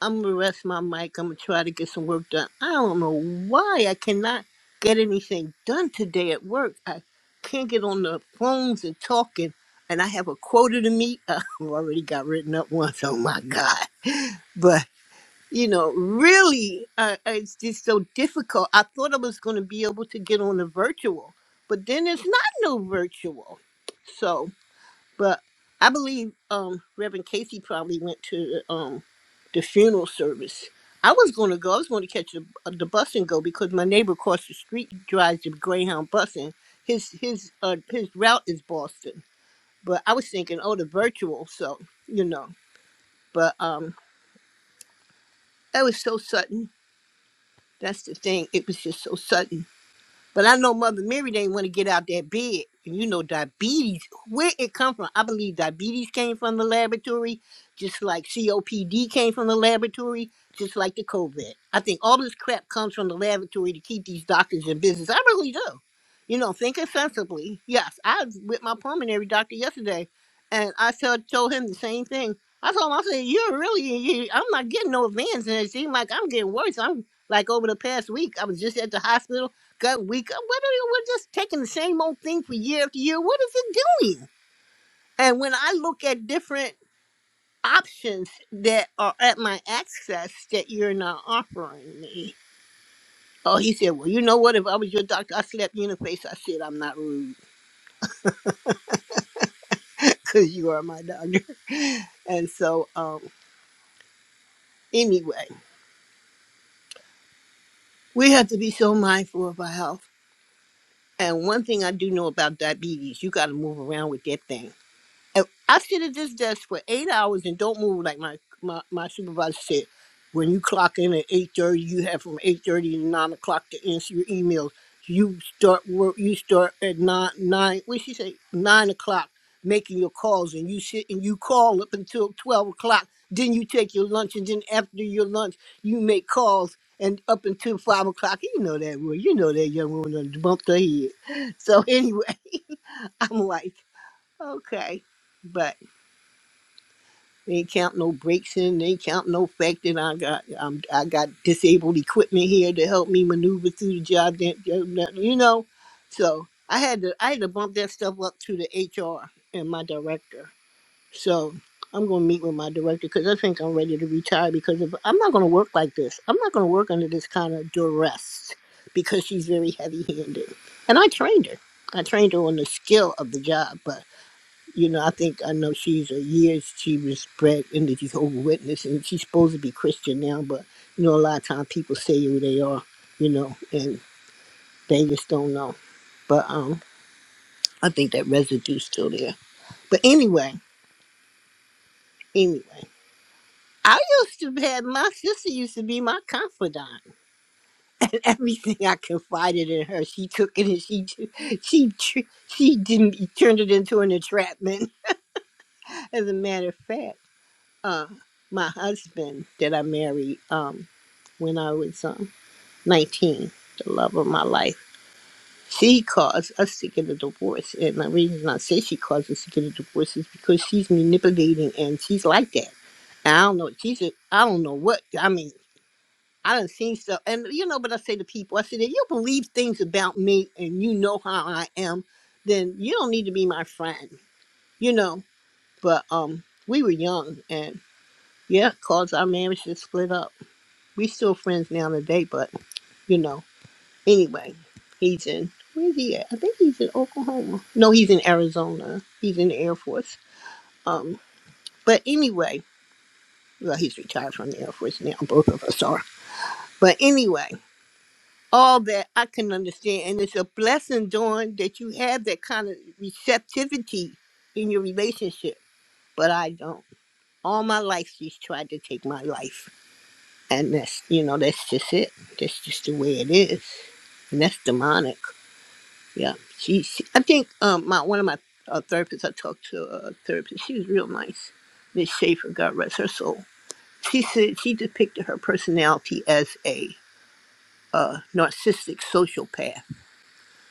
E: I'm going to rest my mic. I'm going to try to get some work done. I don't know why I cannot get anything done today at work. I can't get on the phones and talking. And I have a quota to meet. I've already got written up once. Oh my God. But you know, really, uh, it's just so difficult. I thought I was going to be able to get on the virtual, but then it's not no virtual. So, but I believe um, Reverend Casey probably went to um, the funeral service. I was going to go. I was going to catch the, uh, the bus and go because my neighbor across the street drives the Greyhound bus, and his his uh, his route is Boston. But I was thinking, oh, the virtual. So you know, but um, that was so sudden That's the thing. It was just so sudden. But I know Mother Mary didn't want to get out that bed. And you know, diabetes, where it come from? I believe diabetes came from the laboratory, just like COPD came from the laboratory, just like the COVID. I think all this crap comes from the laboratory to keep these doctors in business. I really do. You know, thinking sensibly. Yes, I was with my pulmonary doctor yesterday, and I told, told him the same thing. I told him, I said, you're really, you, I'm not getting no advance, and it seemed like I'm getting worse. I'm like over the past week, I was just at the hospital go- week. What are you? We're just taking the same old thing for year after year. What is it doing? And when I look at different options that are at my access that you're not offering me, oh, he said, well, you know what? If I was your doctor, I slapped you in the face. I said, I'm not rude because you are my doctor. And so, um, anyway, we have to be so mindful of our health. And one thing I do know about diabetes, you got to move around with that thing And I sit at this desk for eight hours and don't move like my, my, my supervisor said. When you clock in at eight thirty, you have from eight thirty to nine o'clock to answer your emails. You start work you start at nine nine what she say? Nine o'clock making your calls and you sit and you call up until twelve o'clock. Then you take your lunch and then after your lunch you make calls and up until five o'clock. You know that well, you know that young woman done bumped her head. So anyway, I'm like, okay. but. They ain't count no breaks in. They ain't count no fact that I got I'm, I got disabled equipment here to help me maneuver through the job. That that- you know, so I had to I had to bump that stuff up to the HR and my director. So I'm gonna meet with my director because I think I'm ready to retire because of, I'm not gonna work like this. I'm not gonna work under this kind of duress because she's very heavy handed, and I trained her. I trained her on the skill of the job, but you know, I think I know she's a year she was bred in the Jehovah Witness, and she's supposed to be Christian now. But you know, a lot of time people say who they are, you know, and they just don't know. But um, I think that residue's still there. But anyway, anyway, I used to have my sister used to be my confidant, and everything I confided in her, she took it and she she she, she didn't turned it into an entrapment. As a matter of fact. uh, my husband that I married um, when I was um, 19, the love of my life. She caused us to get a divorce. And the reason I say she caused us to get a divorce is because she's manipulating and she's like that. And I don't know. She's a, I don't know what. I mean, I done seen stuff. And you know what I say to people? I said, if you believe things about me and you know how I am, then you don't need to be my friend, you know? But um, we were young and. Yeah, cause our marriage just split up. We still friends now today, but you know. Anyway, he's in where's he at? I think he's in Oklahoma. No, he's in Arizona. He's in the Air Force. Um, but anyway, well, he's retired from the Air Force now. Both of us are. But anyway, all that I can understand, and it's a blessing, Dawn, that you have that kind of receptivity in your relationship. But I don't. All my life, she's tried to take my life And that's, you know, that's just it. That's just the way it is. And that's demonic. Yeah. She, she I think um, my one of my uh, therapists, I talked to a therapist, she was real nice. Miss Schaefer, God rest her soul. She said she depicted her personality as a uh, narcissistic sociopath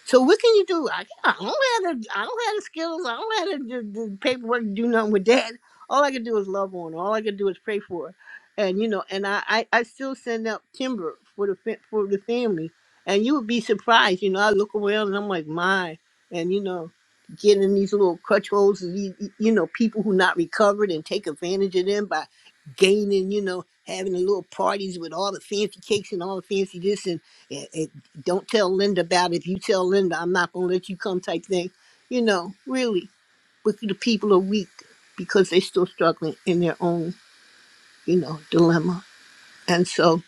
E: so what can you do? I, yeah, I don't have the I don't have the skills. I don't have the, the, the paperwork to do nothing with that. All I can do is love on. her. All I can do is pray for. her. And you know, and I, I, I still send out timber for the fa- for the family. And you would be surprised. You know, I look around and I'm like, my. And you know, getting in these little crutch holes of these, you know people who not recovered and take advantage of them by gaining. You know, having the little parties with all the fancy cakes and all the fancy this and don't tell Linda about it. If you tell Linda, I'm not going to let you come type thing. You know, really, but the people are weak because they're still struggling in their own, you know, dilemma. And so,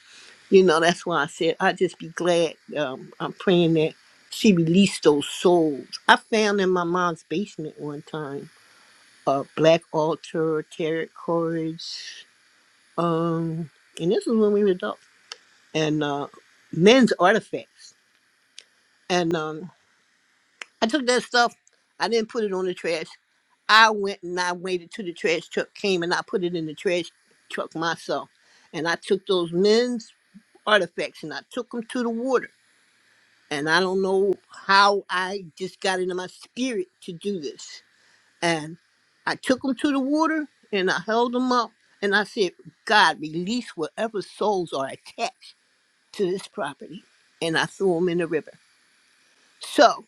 E: you know, that's why I said I just be glad. Um, I'm praying that she released those souls. I found in my mom's basement one time a black altar, tarot cards, um, and this was when we were adults, and uh, men's artifacts. And um, I took that stuff. I didn't put it on the trash. I went and I waited till the trash truck came and I put it in the trash truck myself. And I took those men's artifacts and I took them to the water. And I don't know how I just got into my spirit to do this. And I took them to the water and I held them up and I said, God, release whatever souls are attached to this property. And I threw them in the river. So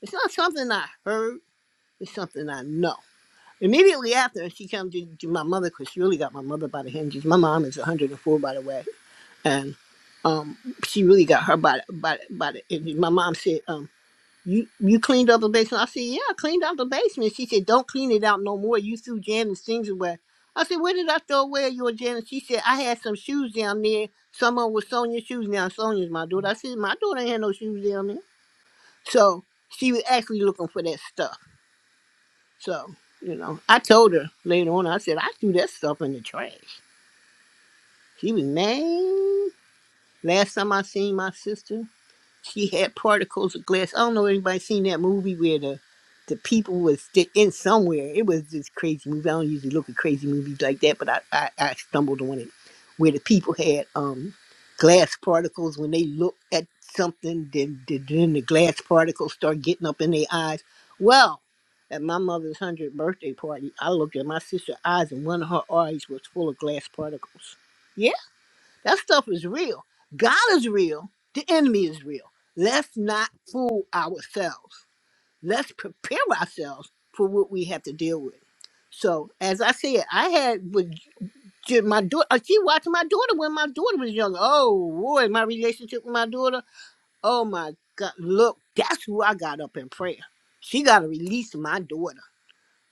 E: it's not something I heard, it's something I know. Immediately after, she comes to, to my mother because she really got my mother by the hinges. My mom is 104, by the way, and um, she really got her by the- by the- by the. and My mom said, um, "You you cleaned up the basement." I said, "Yeah, I cleaned out the basement." She said, "Don't clean it out no more. You threw Janet's things away." I said, "Where did I throw away your Janet?" She said, "I had some shoes down there. Someone was Sonia's shoes. Now Sonia's my daughter." I said, "My daughter ain't had no shoes down there." So she was actually looking for that stuff. So, you know, I told her later on, I said, I threw that stuff in the trash. She was mad. Last time I seen my sister, she had particles of glass. I don't know if anybody seen that movie where the the people was sti- in somewhere. It was this crazy movie. I don't usually look at crazy movies like that, but I, I, I stumbled on it where the people had um glass particles when they looked at something, then then then the glass particles start getting up in their eyes. Well, at my mother's hundredth birthday party, I looked at my sister's eyes, and one of her eyes was full of glass particles. Yeah. That stuff is real. God is real. The enemy is real. Let's not fool ourselves. Let's prepare ourselves for what we have to deal with. So, as I said, I had with j- my daughter. She watched my daughter when my daughter was younger. Oh boy, my relationship with my daughter. Oh my God! Look, that's who I got up in prayer. She got to release my daughter.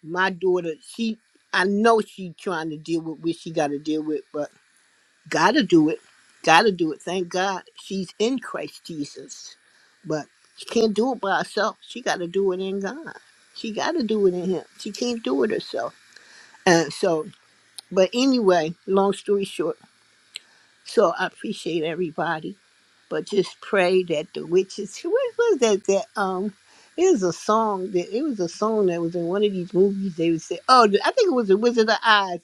E: My daughter. She. I know she trying to deal with what she got to deal with, but Gotta do it. Gotta do it. Thank God she's in Christ Jesus. But she can't do it by herself. She gotta do it in God. She gotta do it in Him. She can't do it herself. And so, but anyway, long story short, so I appreciate everybody. But just pray that the witches, what was that? That, um, it was a song that it was a song that was in one of these movies. They would say, "Oh, I think it was the Wizard of Oz."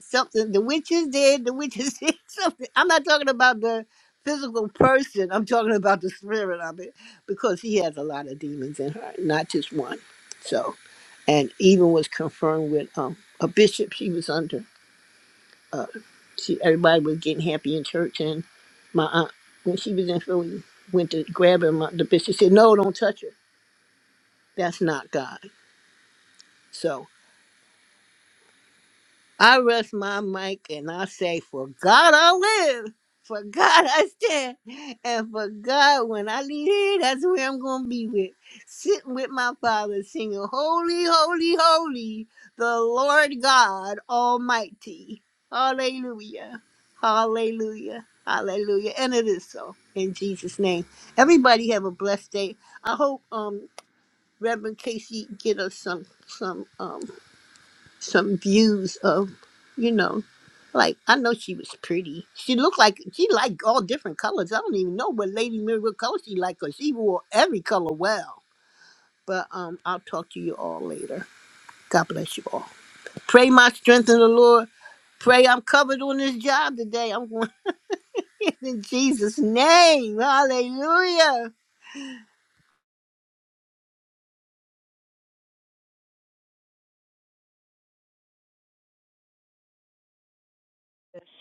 E: something the witches did, the witches did something. I'm not talking about the physical person. I'm talking about the spirit of it because he has a lot of demons in her, not just one. So, and even was confirmed with um, a bishop she was under. Uh, she everybody was getting happy in church, and my aunt when she was in Philly went to grab him. uh, The bishop said, "No, don't touch her. That's not God." So. I rest my mic and I say, For God I live, for God I stand, and for God when I leave here, that's where I'm going to be with. Sitting with my Father, singing, Holy, Holy, Holy, the Lord God Almighty. Hallelujah. Hallelujah. Hallelujah. And it is so in Jesus' name. Everybody have a blessed day. I hope um Reverend Casey get us some some um some views of, you know, like I know she was pretty. She looked like she liked all different colors. I don't even know what Lady Mirror what color she liked 'cause she wore every color well. But um, I'll talk to you all later. God bless you all. Pray my strength in the Lord. Pray I'm covered on this job today. I'm going in Jesus' name. Hallelujah.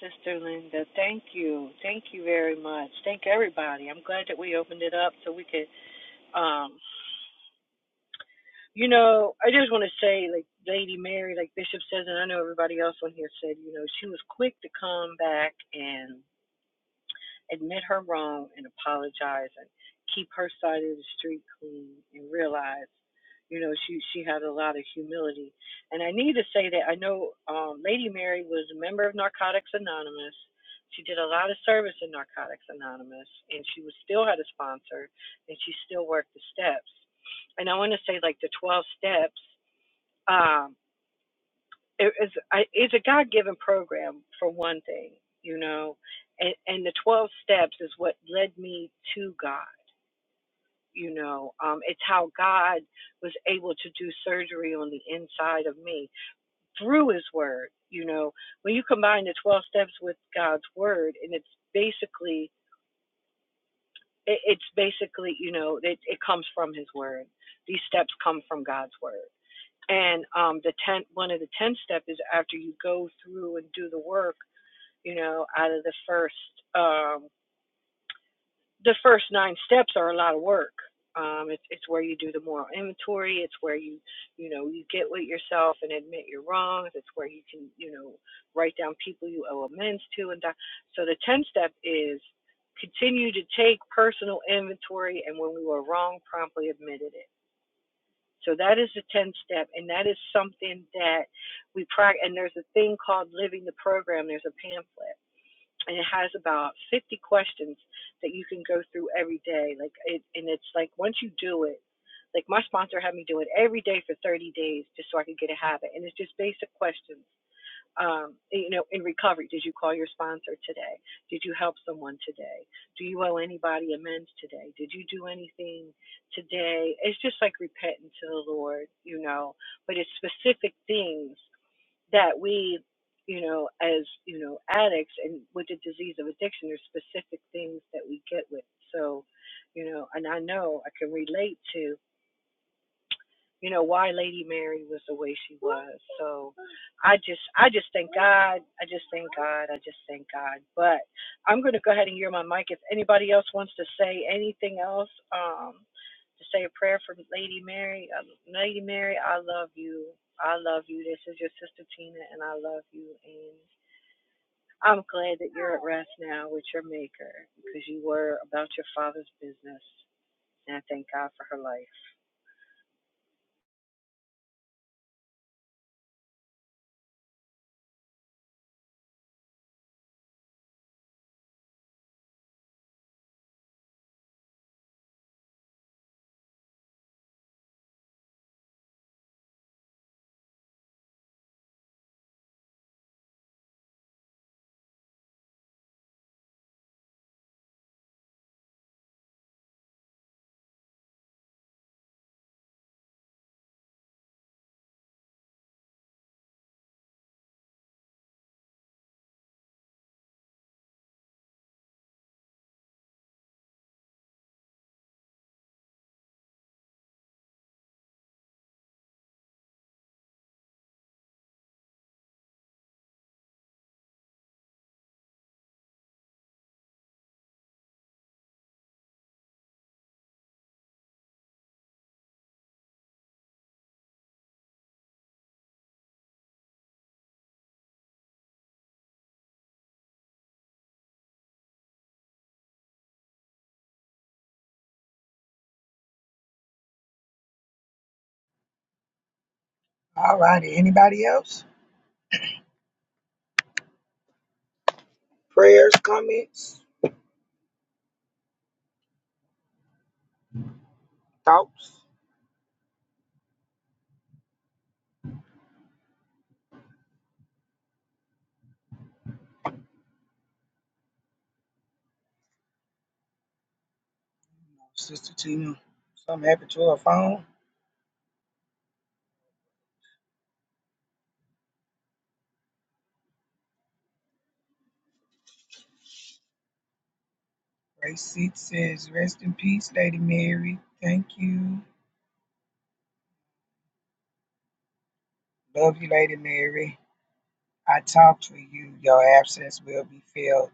A: Sister Linda, thank you. Thank you very much. Thank everybody. I'm glad that we opened it up so
B: All righty. Anybody else? Prayers, comments, thoughts? Sister Tina, something happened to her phone? Grace six says, Rest in peace, Lady Mary. Thank you. Love you, Lady Mary. I talk to you. Your absence will be felt.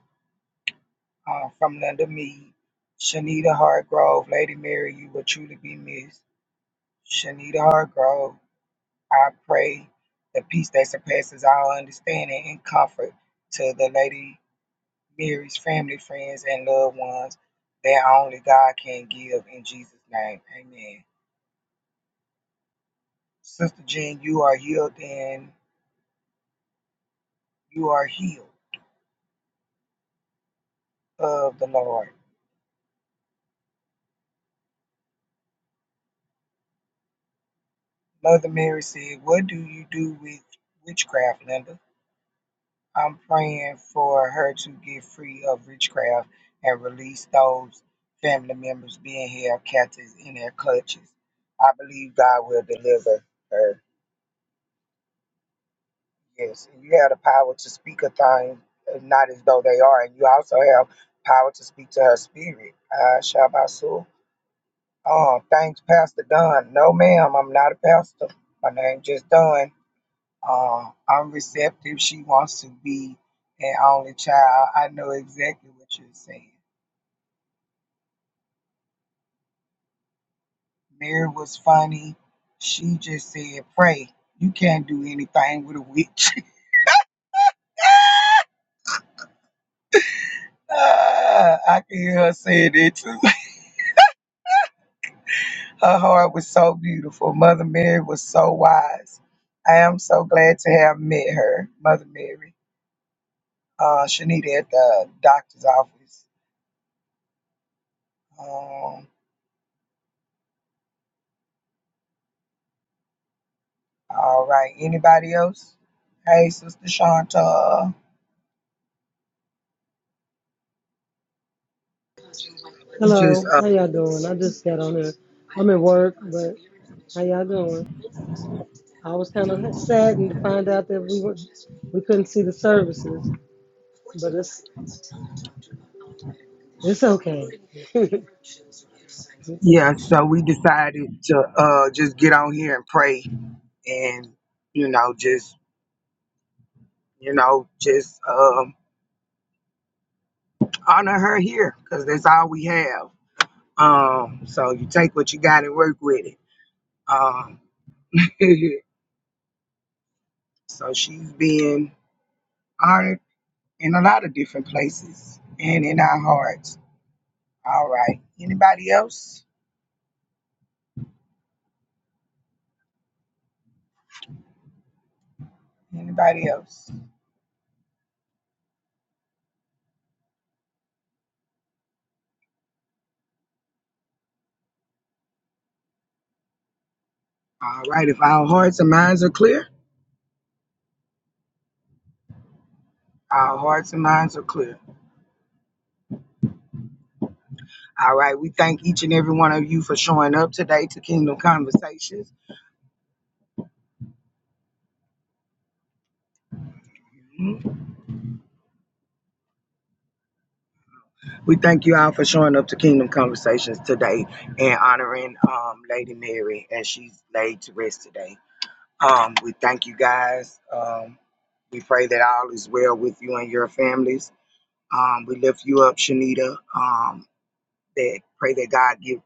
B: Uh, from Linda Mead. Shanita Hargrove, Lady Mary, you will truly be missed. Shanita Hargrove, I pray the peace that surpasses all understanding and comfort to the Lady Mary's family, friends, and loved ones that only God can give in Jesus' name. Amen. Sister Jean, you are healed and you are healed of the Lord. Mother Mary said, What do you do with witchcraft, Linda? I'm praying for her to get free of witchcraft and release those family members being held captive in their clutches. I believe God will deliver her. Yes, and you have the power to speak a thing, uh, not as though they are, and you also have power to speak to her spirit. Ah, Shabbat Shalom. Oh, thanks, Pastor Don. No, ma'am, I'm not a pastor. My name just Don. Uh, I'm receptive. She wants to be an only child. I know exactly what you're saying. Mary was funny. She just said, pray. You can't do anything with a witch. Ah, I can hear her saying it too. Her heart was so beautiful. Mother Mary was so wise. I am so glad to have met her, Mother Mary uh, Shanita at the doctor's office. Um, all right. Anybody else? Hey, Sister Shanta. We just,
F: Hello,
B: uh,
F: how y'all doing? I just got on here. I'm at work, but how y'all doing? I was kind of saddened to find out that we were, we couldn't see the services, but it's it's okay. it's
B: yeah,
F: okay.
B: so we decided to uh, just get on here and pray and, you know, just, you know, just um, honor her here because that's all we have. Um, so you take what you got and work with it. Um, so she's been honored in a lot of different places and in our hearts. All right. Anybody else? Anybody else? All right, if our hearts and minds are clear, our hearts and minds are clear. All right, we thank each and every one of you for showing up today to Kingdom Conversations. Mm-hmm. We thank you all for showing up to Kingdom Conversations today and honoring um, Lady Mary as she's laid to rest today. Um, we thank you guys. Um, we pray that all is well with you and your families. Um, we lift you up, Shanita. Um, that pray that God give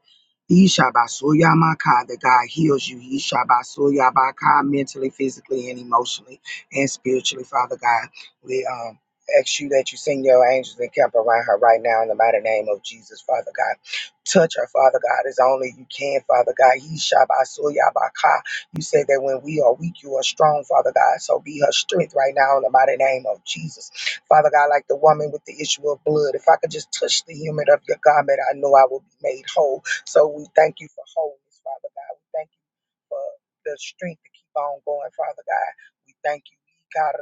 B: Yishabasoyamaka, that God heals you. Yishabasoyabaka, mentally, physically, and emotionally, and spiritually, Father God. We um, ask you that you send your angels and camp around her right now in the mighty name of Jesus, Father God. Touch her, Father God, as only you can, Father God. Yishabasoyabaka. You say that when we are weak, you are strong, Father God. So be her strength right now in the mighty name of Jesus. Father God, like the woman with the issue of blood, if I could just touch the human of your garment, I know I will be made whole. So we thank you for wholeness, Father God. We thank you for the strength to keep on going, Father God. We thank you, God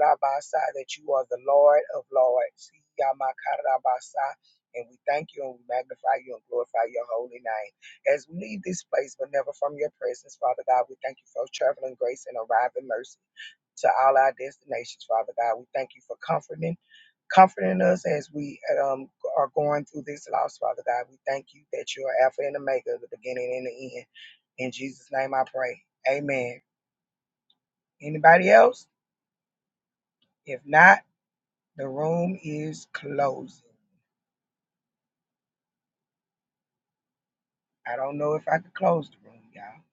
B: that you are the Lord of Lords. Yamakarabasa. And we thank you and we magnify you and glorify your holy name. As we leave this place, but never from your presence, Father God, we thank you for traveling grace and arriving mercy to all our destinations, Father God. We thank you for comforting comforting us as we um, are going through this loss, Father God. We thank you that you are Alpha and Omega, the beginning and the end. In Jesus' name I pray. Amen. Anybody else? If not, the room is closing. I don't know if I could close the room, y'all.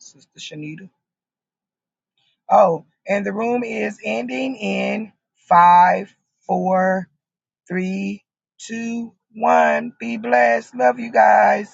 B: Sister Shanita. Oh, and the room is ending in five, four, three, two, one. Be blessed. Love you guys.